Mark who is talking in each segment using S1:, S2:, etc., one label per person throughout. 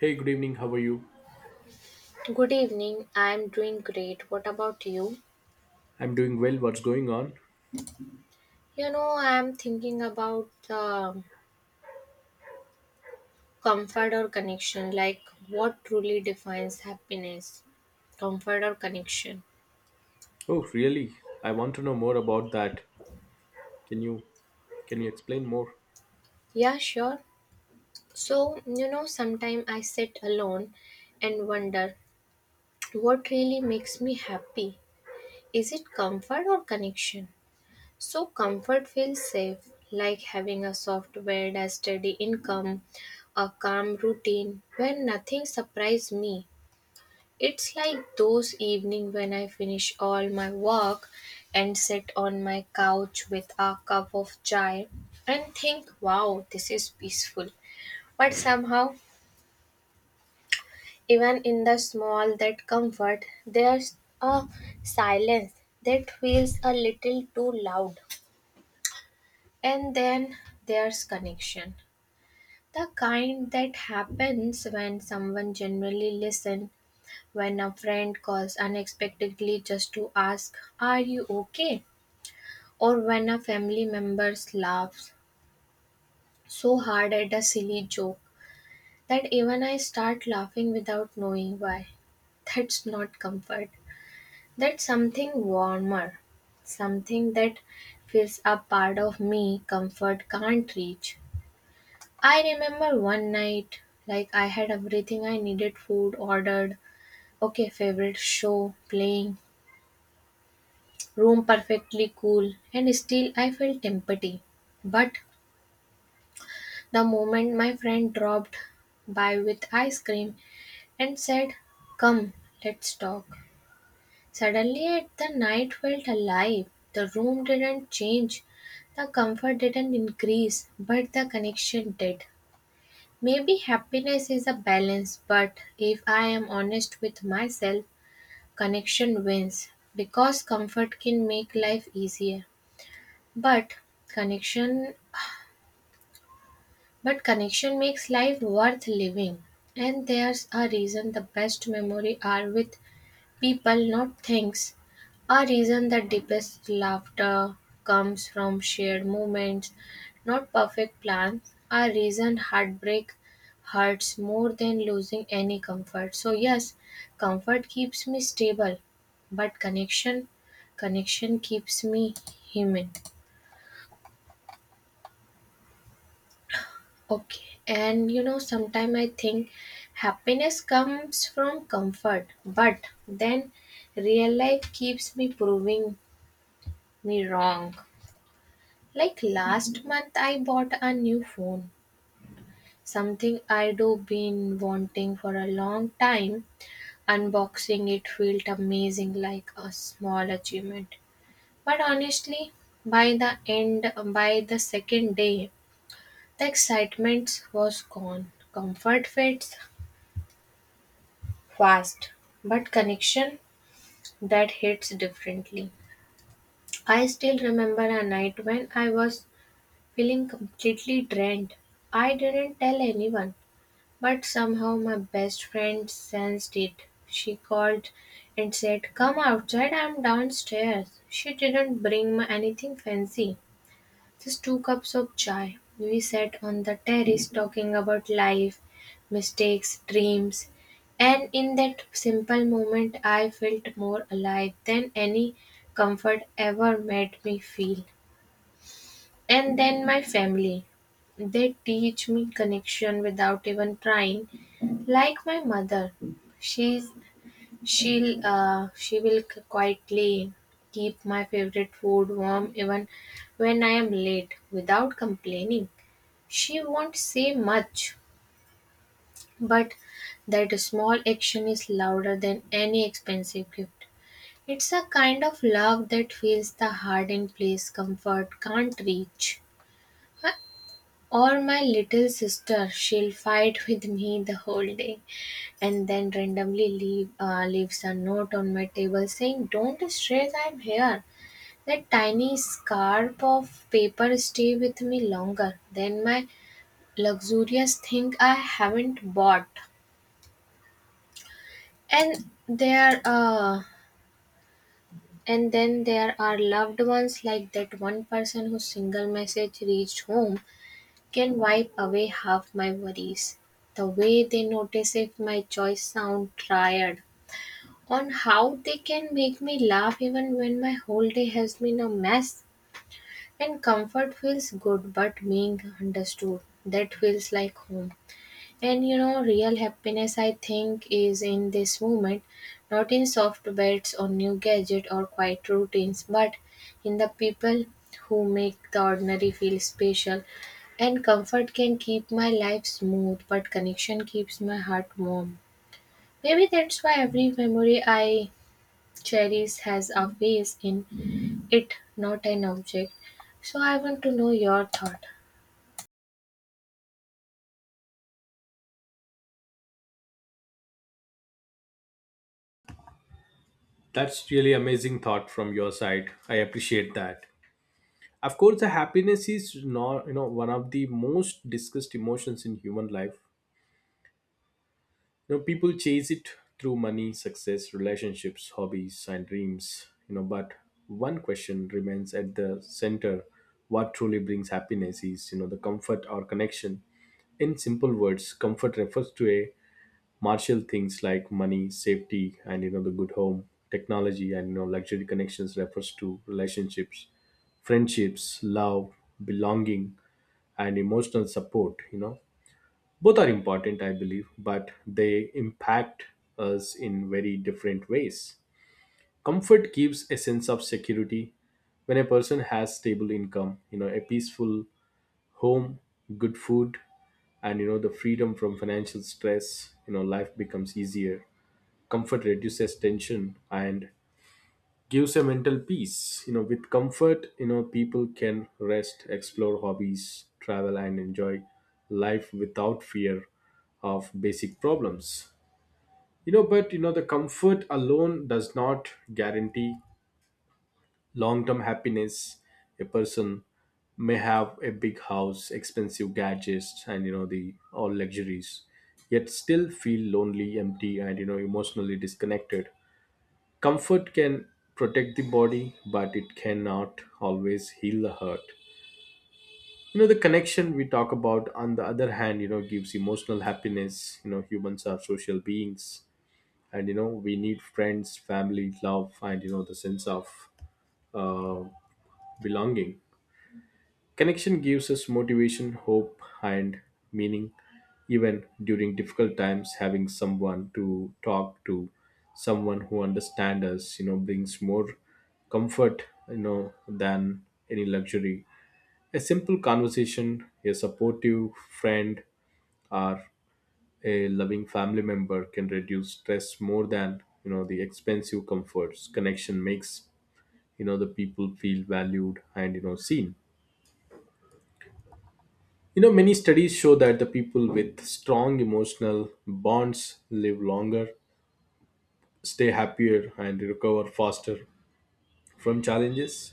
S1: Hey, good evening. How are you?
S2: Good evening. I'm doing great. What about you?
S1: I'm doing well. What's going on?
S2: You know, I'm thinking about comfort or connection, like what truly defines happiness, comfort or connection.
S1: Oh, really? I want to know more about that. Can you can you explain more?
S2: Yeah, sure. So, you know, sometimes I sit alone and wonder what really makes me happy. Is it comfort or connection? So comfort feels safe, like having a soft bed, a steady income, a calm routine where nothing surprises me. It's like those evening when I finish all my work and sit on my couch with a cup of chai and think, wow, this is peaceful. But somehow, even in the small that comfort, there's a silence that feels a little too loud. And then there's connection. The kind that happens when someone generally listens, when a friend calls unexpectedly just to ask, "Are you okay?" Or when a family member laughs so hard at a silly joke that even I start laughing without knowing why. That's not comfort. That's something warmer, something that feels a part of me comfort can't reach. I remember one night, like I had everything I needed food ordered, okay, favorite show playing, room perfectly cool, and still I felt empty. But the moment my friend dropped by with ice cream and said, "Come, let's talk," suddenly the night felt alive. The room didn't change, the comfort didn't increase, but the connection did. Maybe happiness is a balance, but if I am honest with myself, connection wins because comfort can make life easier. But connection but connection makes life worth living. And there's a reason the best memory are with people, not things. A reason that deepest laughter comes from shared moments, not perfect plans. A reason heartbreak hurts more than losing any comfort. So yes, comfort keeps me stable, but connection, connection keeps me human. Okay, and you know, sometimes I think happiness comes from comfort, but then real life keeps me proving me wrong. Like last month, I bought a new phone, something I do been wanting for a long time. Unboxing it felt amazing, like a small achievement. But honestly, by the end, by the second day, the excitement was gone. Comfort fades fast, but connection that hits differently. I still remember a night when I was feeling completely drained. I didn't tell anyone. But somehow my best friend sensed it. She called and said, "Come outside, I'm downstairs." She didn't bring me anything fancy, just two cups of chai. We sat on the terrace talking about life, mistakes, dreams, and in that simple moment, I felt more alive than any comfort ever made me feel. And then my family. They teach me connection without even trying. Like my mother, she's she will quietly keep my favorite food warm even when I am late without complaining. She won't say much, but that small action is louder than any expensive gift. It's a kind of love that feels the heart in place comfort can't reach. Huh? Or my little sister, she'll fight with me the whole day and then randomly leaves a note on my table saying, "Don't stress, I'm here." That tiny scarp of paper stay with me longer than my luxurious thing I haven't bought. And there, uh, and then there are loved ones like that one person whose single message reached home can wipe away half my worries. The way they notice if my choice sound tired. On how they can make me laugh even when my whole day has been a mess. And comfort feels good, but being understood, that feels like home. And you know, real happiness, I think, is in this moment, not in soft beds or new gadget or quiet routines, but in the people who make the ordinary feel special. And comfort can keep my life smooth, but connection keeps my heart warm. Maybe that's why every memory I cherish has a face in it, not an object. So I want to know your thought.
S1: That's really amazing thought from your side. I appreciate that. Of course, the happiness is not, you know, one of the most discussed emotions in human life. You know, people chase it through money, success, relationships, hobbies and dreams, you know, but one question remains at the center: what truly brings happiness, is, you know, the comfort or connection? In simple words, comfort refers to a martial things like money, safety, and, you know, the good home, technology, and, you know, luxury. Connections refers to relationships, friendships, love, belonging, and emotional support. You know, both are important, I believe, but they impact us in very different ways. Comfort gives a sense of security when a person has stable income, you know, a peaceful home, good food, and, you know, the freedom from financial stress. You know, life becomes easier. Comfort reduces tension and gives a mental peace. You know, with comfort, you know, people can rest, explore hobbies, travel and enjoy life without fear of basic problems. You know, but, you know, the comfort alone does not guarantee long term happiness. A person may have a big house, expensive gadgets, and, you know, the all luxuries, yet still feel lonely, empty, and, you know, emotionally disconnected. Comfort can protect the body, but it cannot always heal the hurt. You know, the connection we talk about, on the other hand, you know, gives emotional happiness. You know, humans are social beings, and, you know, we need friends, family, love, and, you know, the sense of uh, belonging. Connection gives us motivation, hope, and meaning. Even during difficult times, having someone to talk to, someone who understands us, you know, brings more comfort, you know, than any luxury. A simple conversation, a supportive friend, or a loving family member can reduce stress more than, you know, the expensive comforts. Connection makes, you know, the people feel valued and, you know, seen. You know, many studies show that the people with strong emotional bonds live longer, stay happier, and recover faster from challenges.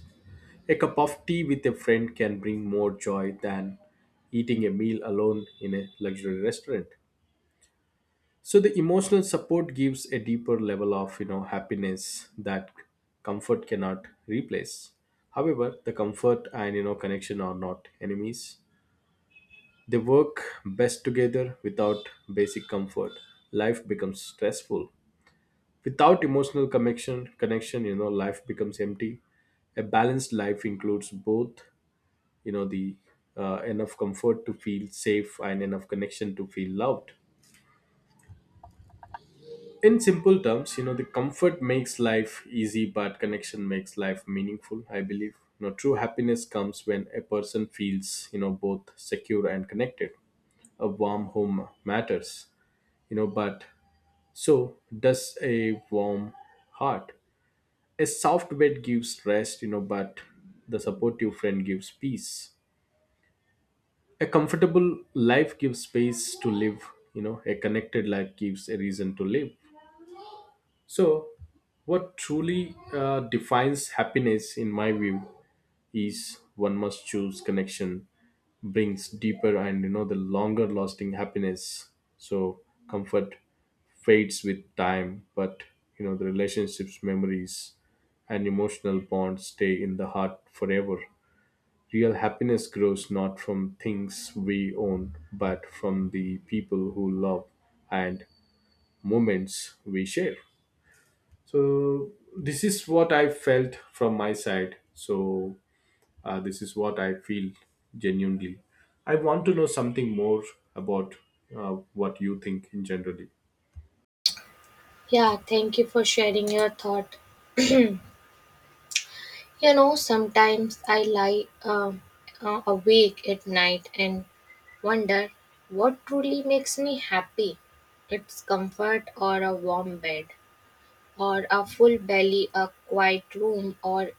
S1: A cup of tea with a friend can bring more joy than eating a meal alone in a luxury restaurant. So the emotional support gives a deeper level of, you know, happiness that comfort cannot replace. However, the comfort and, you know, connection are not enemies. They work best together. Without basic comfort, life becomes stressful. Without emotional connection, you know, life becomes empty. A balanced life includes both, you know, the enough comfort to feel safe and enough connection to feel loved. In simple terms, you know, the comfort makes life easy, but connection makes life meaningful. I believe, you know, true happiness comes when a person feels, you know, both secure and connected. A warm home matters, you know, but so does a warm heart. A soft bed gives rest, you know, but the supportive friend gives peace. A comfortable life gives space to live, you know, a connected life gives a reason to live. So what truly defines happiness in my view? Ease one must choose connection, brings deeper and, you know, the longer lasting happiness. So comfort fades with time, but, you know, the relationships, memories and emotional bonds stay in the heart forever. Real happiness grows not from things we own, but from the people who love and moments we share. So this is what I felt from my side. So this is what I feel genuinely. I want to know something more about what you think in generally.
S2: Yeah, thank you for sharing your thought. You know, sometimes I lie awake at night and wonder what truly makes me happy. It's comfort or a warm bed, or a full belly, a quiet room,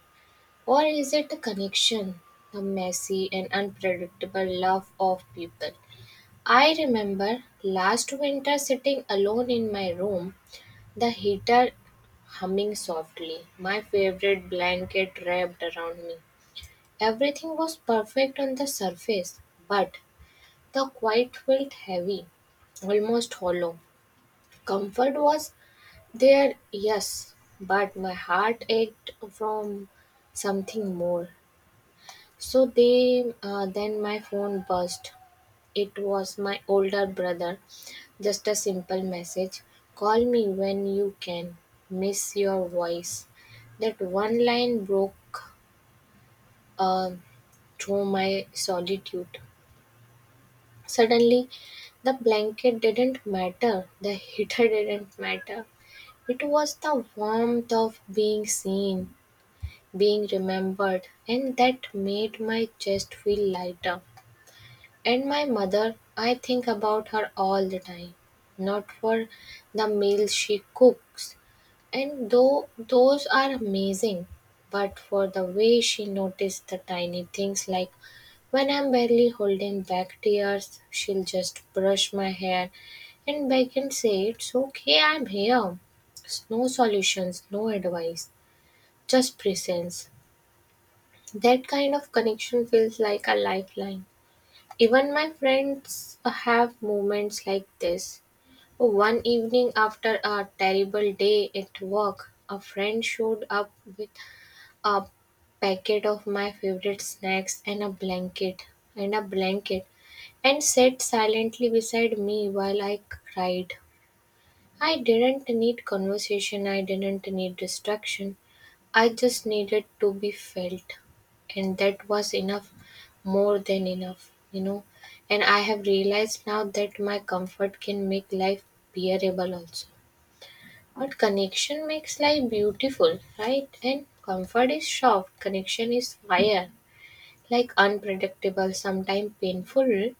S2: or is it a connection, the messy and unpredictable love of people? I remember last winter sitting alone in my room, the heater humming softly, my favorite blanket wrapped around me. Everything was perfect on the surface, but the quiet felt heavy, almost hollow. Comfort was there, yes, but my heart ached from something more. So then my phone buzzed. It was my older brother. Just a simple message. "Call me when you can. Miss your voice." That one line broke uh, through my solitude. Suddenly, the blanket didn't matter, the heater didn't matter. It was the warmth of being seen, being remembered, and that made my chest feel lighter. And my mother, I think about her all the time, not for the meals she cooks, and though those are amazing, but for the way she noticed the tiny things like when I'm barely holding back tears, she'll just brush my hair and back and say, "It's okay, I'm here." No solutions, no advice, just presence. That kind of connection feels like a lifeline. Even my friends have moments like this. One evening after a terrible day at work, a friend showed up with a packet of my favorite snacks and a blanket and sat silently beside me while I cried. I didn't need conversation, I didn't need distraction. I just needed to be felt, and that was enough, more than enough, you know. And I have realized now that my comfort can make life bearable also. But connection makes life beautiful, right? And comfort is soft, connection is fire, like unpredictable, sometimes painful,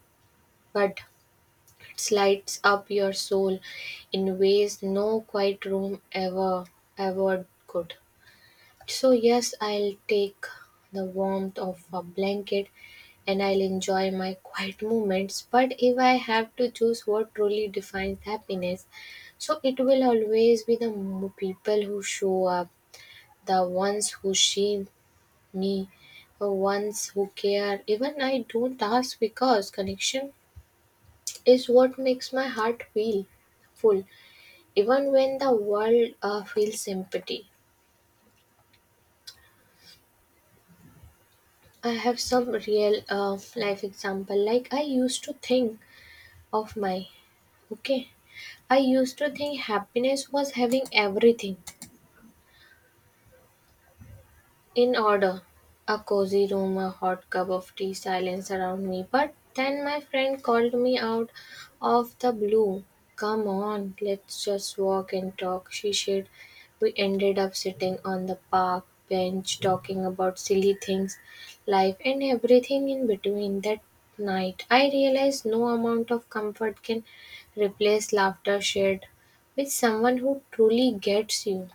S2: but it lights up your soul in ways no quiet room ever could. So, yes, I'll take the warmth of a blanket and I'll enjoy my quiet moments. But if I have to choose what truly defines happiness, so it will always be the people who show up, the ones who see me, the ones who care. Even I don't ask because connection is what makes my heart feel full, even when the world feels empty. I have some real life example. Like I used to think of my, okay. I used to think happiness was having everything. In order. A cozy room, a hot cup of tea, silence around me. But then my friend called me out of the blue. "Come on, let's just walk and talk," she said. We ended up sitting on the park bench talking about silly things, life, and everything in between. That night, I realized no amount of comfort can replace laughter shared with someone who truly gets you.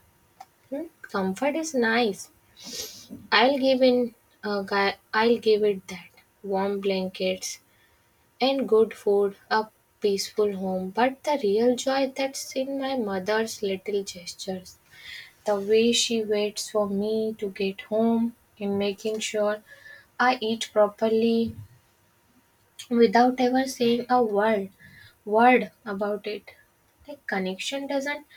S2: Hmm? Comfort is nice, I'll give in a guy, I'll give it that. Warm blankets and good food, a peaceful home, but the real joy that's in my mother's little gestures. The way she waits for me to get home and making sure I eat properly without ever saying a word about it. Like connection doesn't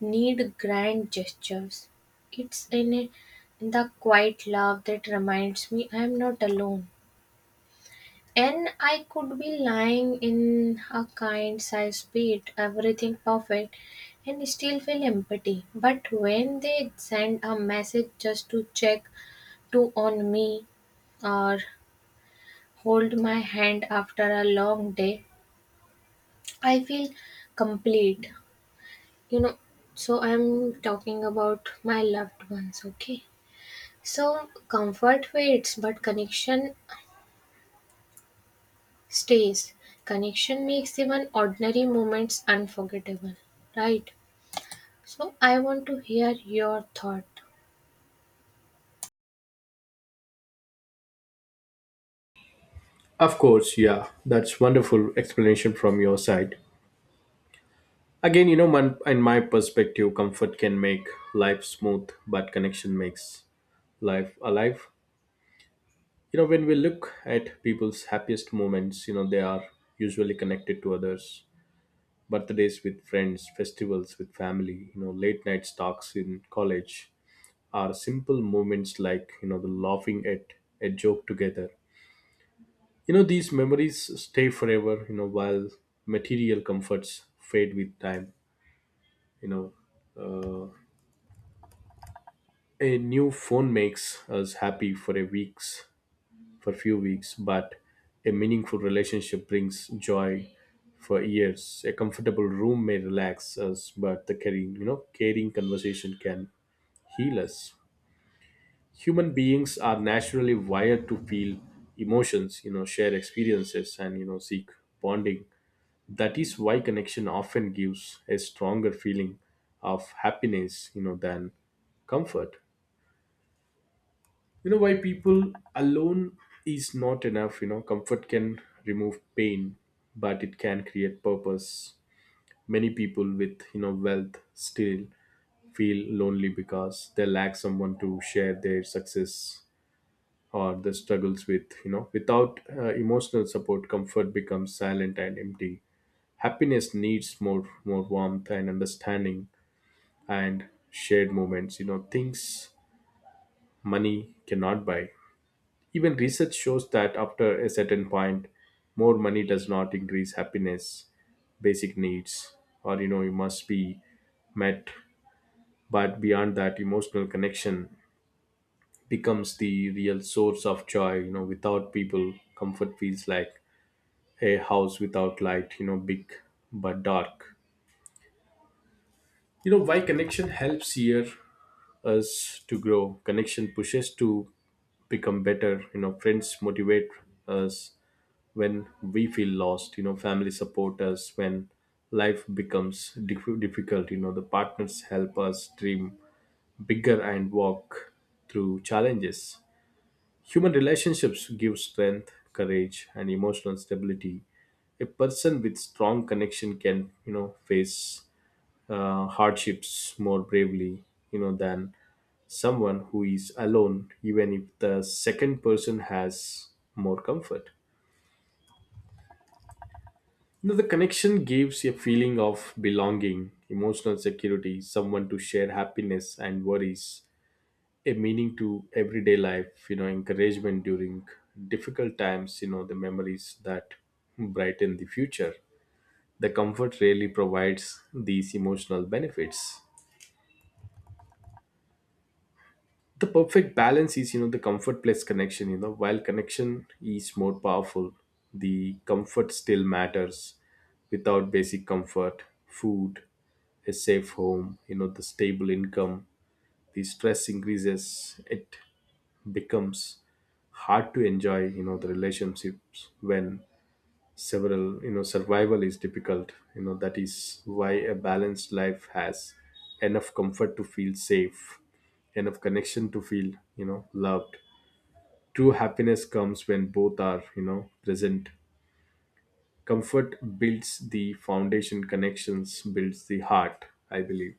S2: need grand gestures, it's in the quiet love that reminds me I am not alone. And I could be lying in a kind sized bed, everything perfect, and still feel empty. But when they send a message just to check to on me or hold my hand after a long day, I feel complete, you know. So I'm talking about my loved ones, okay? So comfort fades, but connection stays. Connection makes even ordinary moments unforgettable, right? So I want to hear your thought.
S1: Of course, yeah, that's wonderful explanation from your side. Again, you know, man, in my perspective, comfort can make life smooth, but connection makes life alive. You know, when we look at people's happiest moments, you know, they are usually connected to others. Birthdays with friends, festivals with family, you know, late night talks in college, are simple moments like, you know, the laughing at a joke together. You know, these memories stay forever, you know, while material comforts fade with time. You know, uh, a new phone makes us happy for a weeks for few weeks, but a meaningful relationship brings joy for years. A comfortable room may relax us, but the caring, you know, caring conversation can heal us. Human beings are naturally wired to feel emotions, you know, share experiences, and, you know, seek bonding. That is why connection often gives a stronger feeling of happiness, you know, than comfort. You know why people alone is not enough. You know, comfort can remove pain, but it can create purpose. Many people with, you know, wealth still feel lonely because they lack someone to share their success or the struggles with. You know, without emotional support, comfort becomes silent and empty. Happiness needs more warmth and understanding and shared moments, you know, things money cannot buy. Even research shows that after a certain point, more money does not increase happiness. Basic needs or, you know, you must be met, but beyond that emotional connection becomes the real source of joy. You know, without people, comfort feels like a house without light, you know, big but dark. You know why connection helps here us to grow? Connection pushes to become better. You know, friends motivate us when we feel lost. You know, family support us when life becomes difficult. You know, the partners help us dream bigger and walk through challenges. Human relationships give strength, courage, and emotional stability. A person with strong connection can, you know, face hardships more bravely, you know, than someone who is alone, even if the second person has more comfort. You know, the connection gives a feeling of belonging, emotional security, someone to share happiness and worries, a meaning to everyday life, you know, encouragement during difficult times, you know, the memories that brighten the future. The comfort really provides these emotional benefits. The perfect balance is, you know, the comfort plus connection. You know, while connection is more powerful, the comfort still matters. Without basic comfort, food, a safe home, you know, the stable income, the stress increases. It becomes hard to enjoy, you know, the relationships when several, you know, survival is difficult. You know, that is why a balanced life has enough comfort to feel safe, enough connection to feel, you know, loved. True happiness comes when both are, you know, present. Comfort builds the foundation, connections builds the heart, I believe.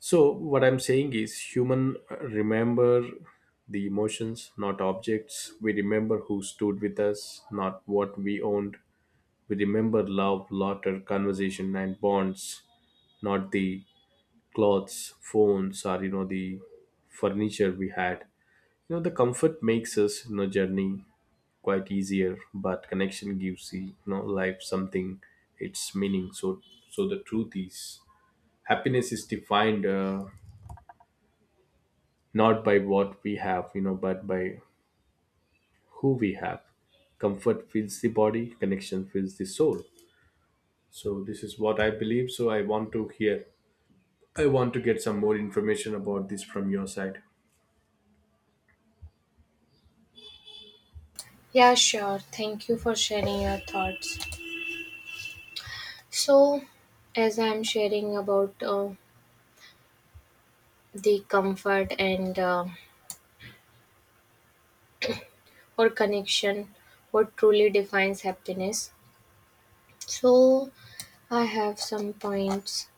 S1: So what I'm saying is human remember the emotions, not objects. We remember who stood with us, not what we owned. We remember love, laughter, conversation and bonds, not the clothes, phones or, you know, the furniture we had. You know, the comfort makes us, you know, journey quite easier, but connection gives the, you know, life something its meaning. So the truth is happiness is defined not by what we have, you know, but by who we have. Comfort fills the body, connection fills the soul. So this is what I believe. So I want to hear, I want to get some more information about this from your side.
S2: Yeah, sure. Thank you for sharing your thoughts. So, as I'm sharing about the comfort and or connection, what truly defines happiness. So, I have some points.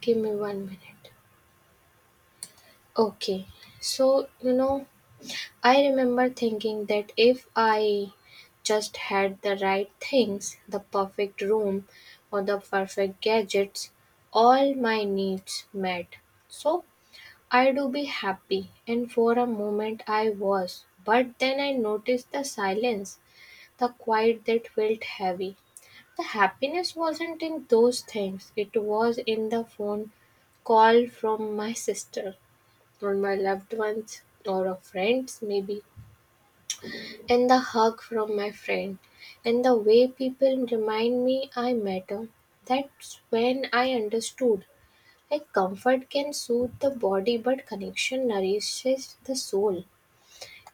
S2: Give me 1 minute. Okay. So, you know, I remember thinking that if I just had the right things, the perfect room or the perfect gadgets, all my needs met. So, I do be happy. And for a moment, I was. But then I noticed the silence, the quiet that felt heavy. The happiness wasn't in those things, it was in the phone call from my sister, or my loved ones, or a friend's maybe, and the hug from my friend, and the way people remind me I matter. That's when I understood. Like comfort can soothe the body, but connection nourishes the soul.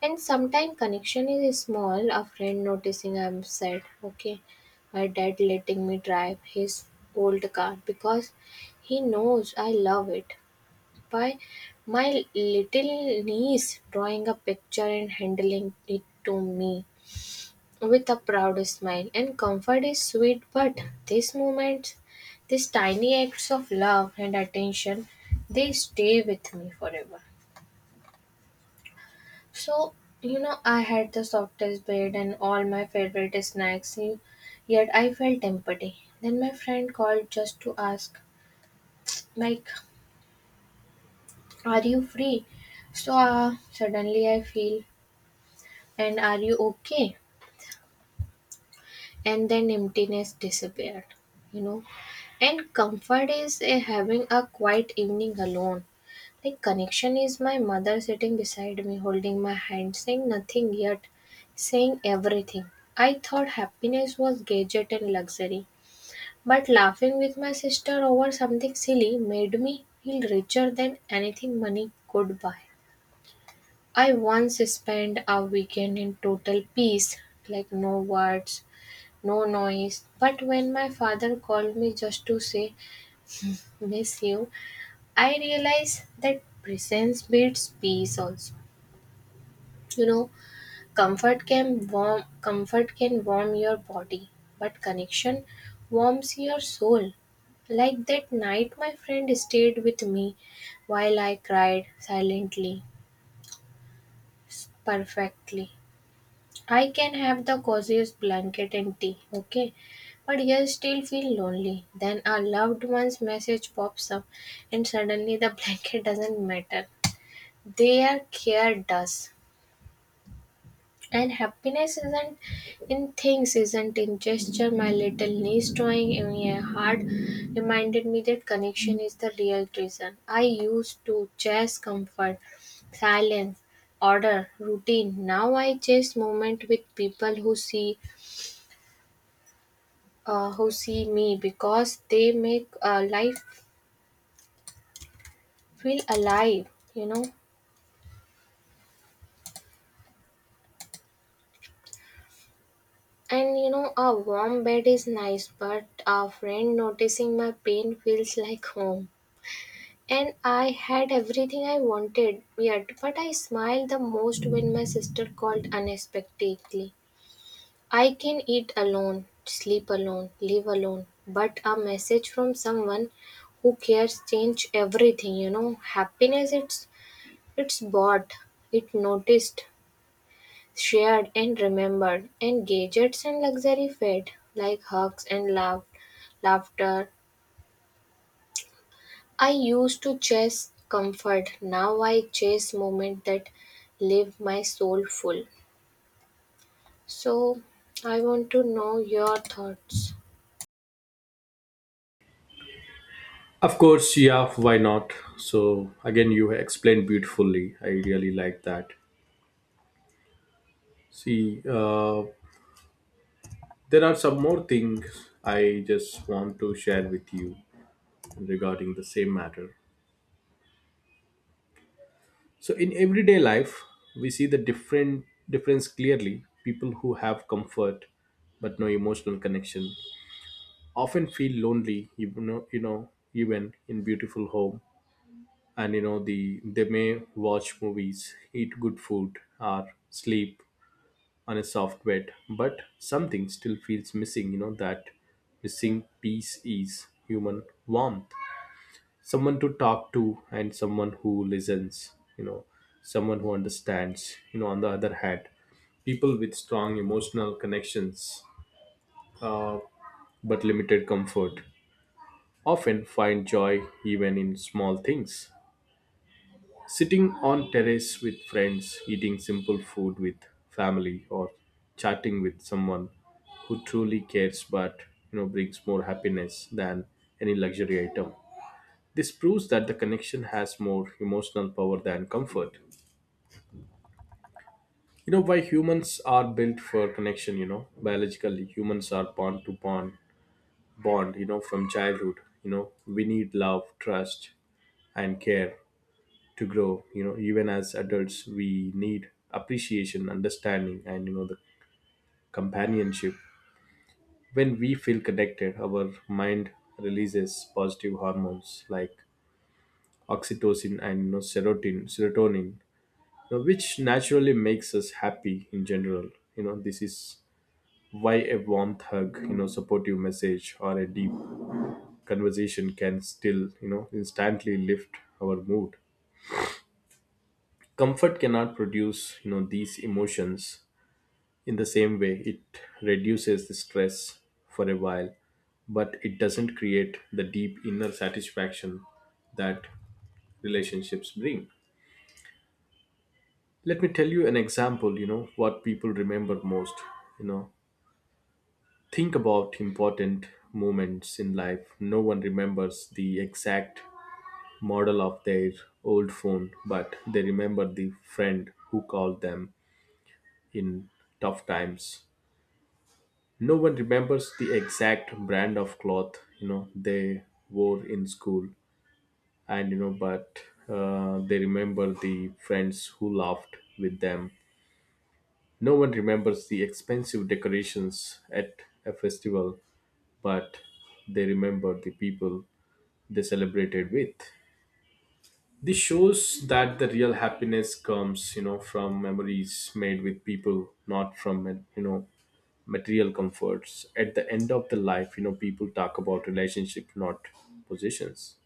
S2: And sometimes connection is small, a friend noticing I'm sad, okay. My dad letting me drive his old car because he knows I love it. By my little niece drawing a picture and handling it to me with a proud smile. And comfort is sweet, but these moments, these tiny acts of love and attention, they stay with me forever. So, you know, I had the softest bed and all my favorite snacks, yet I felt empty. Then my friend called just to ask, like, "Are you free?" So, suddenly I feel, "And are you okay?" And then emptiness disappeared, you know. And comfort is a having a quiet evening alone, like connection is my mother sitting beside me holding my hand, saying nothing yet saying everything. I thought happiness was gadget and luxury, but laughing with my sister over something silly made me feel richer than anything money could buy. I once spent a weekend in total peace, like no words, no noise. But when my father called me just to say, "Miss you," I realized that presence beats peace also. You know, comfort can warm your body, but connection warms your soul. Like that night my friend stayed with me while I cried silently, perfectly. I can have the coziest blanket and tea, okay? But you still feel lonely. Then a loved one's message pops up, and suddenly the blanket doesn't matter. Their care does. And happiness isn't in things, isn't in gesture. My little niece drawing me a heart reminded me that connection is the real treasure. I used to chase comfort, silence, order, routine. Now I chase moment with people who see me because they make life feel alive, you know. And you know, a warm bed is nice, but a friend noticing my pain feels like home. And I had everything I wanted, yet but I smiled the most when my sister called unexpectedly. I can eat alone, sleep alone, live alone, but a message from someone who cares change everything, you know. Happiness it's bought, it noticed, shared and remembered, and gadgets and luxury fed, like hugs and laughter. I used to chase comfort, now I chase moments that leave my soul full. So, I want to know your thoughts.
S1: Of course, yeah, why not? So again, you explained beautifully. I really like that. See, there are some more things I just want to share with you regarding the same matter. So in everyday life, we see the different difference clearly. People who have comfort but no emotional connection often feel lonely, even know, you know, even in beautiful home. And you know, they may watch movies, eat good food, or sleep on a soft bed, but something still feels missing. You know that missing piece is human warmth, someone to talk to and someone who listens, you know, someone who understands. You know, on the other hand, people with strong emotional connections, uh, but limited comfort, often find joy even in small things, sitting on terrace with friends, eating simple food with family, or chatting with someone who truly cares, but, you know, brings more happiness than any luxury item. This proves that the connection has more emotional power than comfort. You know why humans are built for connection, you know? Biologically, humans are born to bond, you know, from childhood. You know, we need love, trust, and care to grow. You know, even as adults, we need appreciation, understanding, and, you know, the companionship. When we feel connected, our mind releases positive hormones like oxytocin and, you know, serotonin, know, which naturally makes us happy in general. You know, this is why a warm hug, you know, supportive message or a deep conversation can still, you know, instantly lift our mood. Comfort cannot produce, you know, these emotions in the same way. It reduces the stress for a while, but it doesn't create the deep inner satisfaction that relationships bring. Let me tell you an example, you know, what people remember most, you know. Think about important moments in life. No one remembers the exact model of their old phone, but they remember the friend who called them in tough times. No one remembers the exact brand of cloth, you know, they wore in school, and, you know, but they remember the friends who laughed with them. No one remembers the expensive decorations at a festival, but they remember the people they celebrated with. This shows that the real happiness comes, you know, from memories made with people, not from, you know, material comforts. At the end of the life, you know, people talk about relationship, not positions.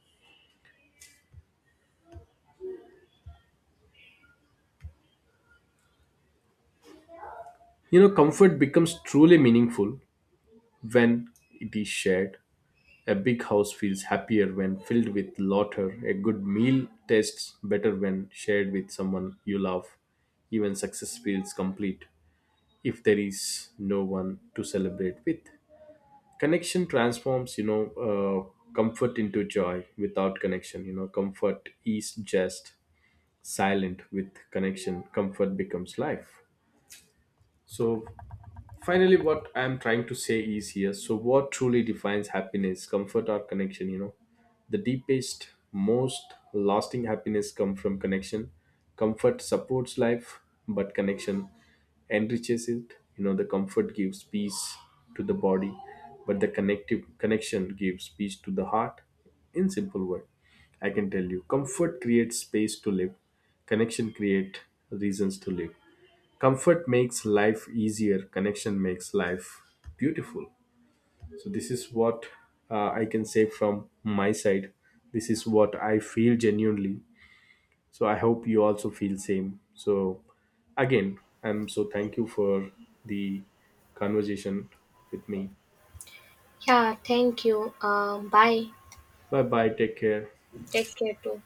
S1: You know, comfort becomes truly meaningful when it is shared. A big house feels happier when filled with laughter. A good meal tastes better when shared with someone you love. Even success feels complete if there is no one to celebrate with. Connection transforms, you know, comfort into joy. Without connection, you know, comfort is just silent. With connection, comfort becomes life. So finally, what I'm trying to say is here, so what truly defines happiness, comfort or connection? You know, the deepest, most lasting happiness come from connection. Comfort supports life, but connection enriches it. You know, the comfort gives peace to the body, but the connective connection gives peace to the heart. In simple word, I can tell you, comfort creates space to live, connection create reasons to live. Comfort makes life easier, connection makes life beautiful. So this is what I can say from my side. This is what I feel genuinely. So I hope you also feel same. So again, I'm so thank you for the conversation with me.
S2: Yeah, thank you. Bye.
S1: Bye bye, take care.
S2: Take care too.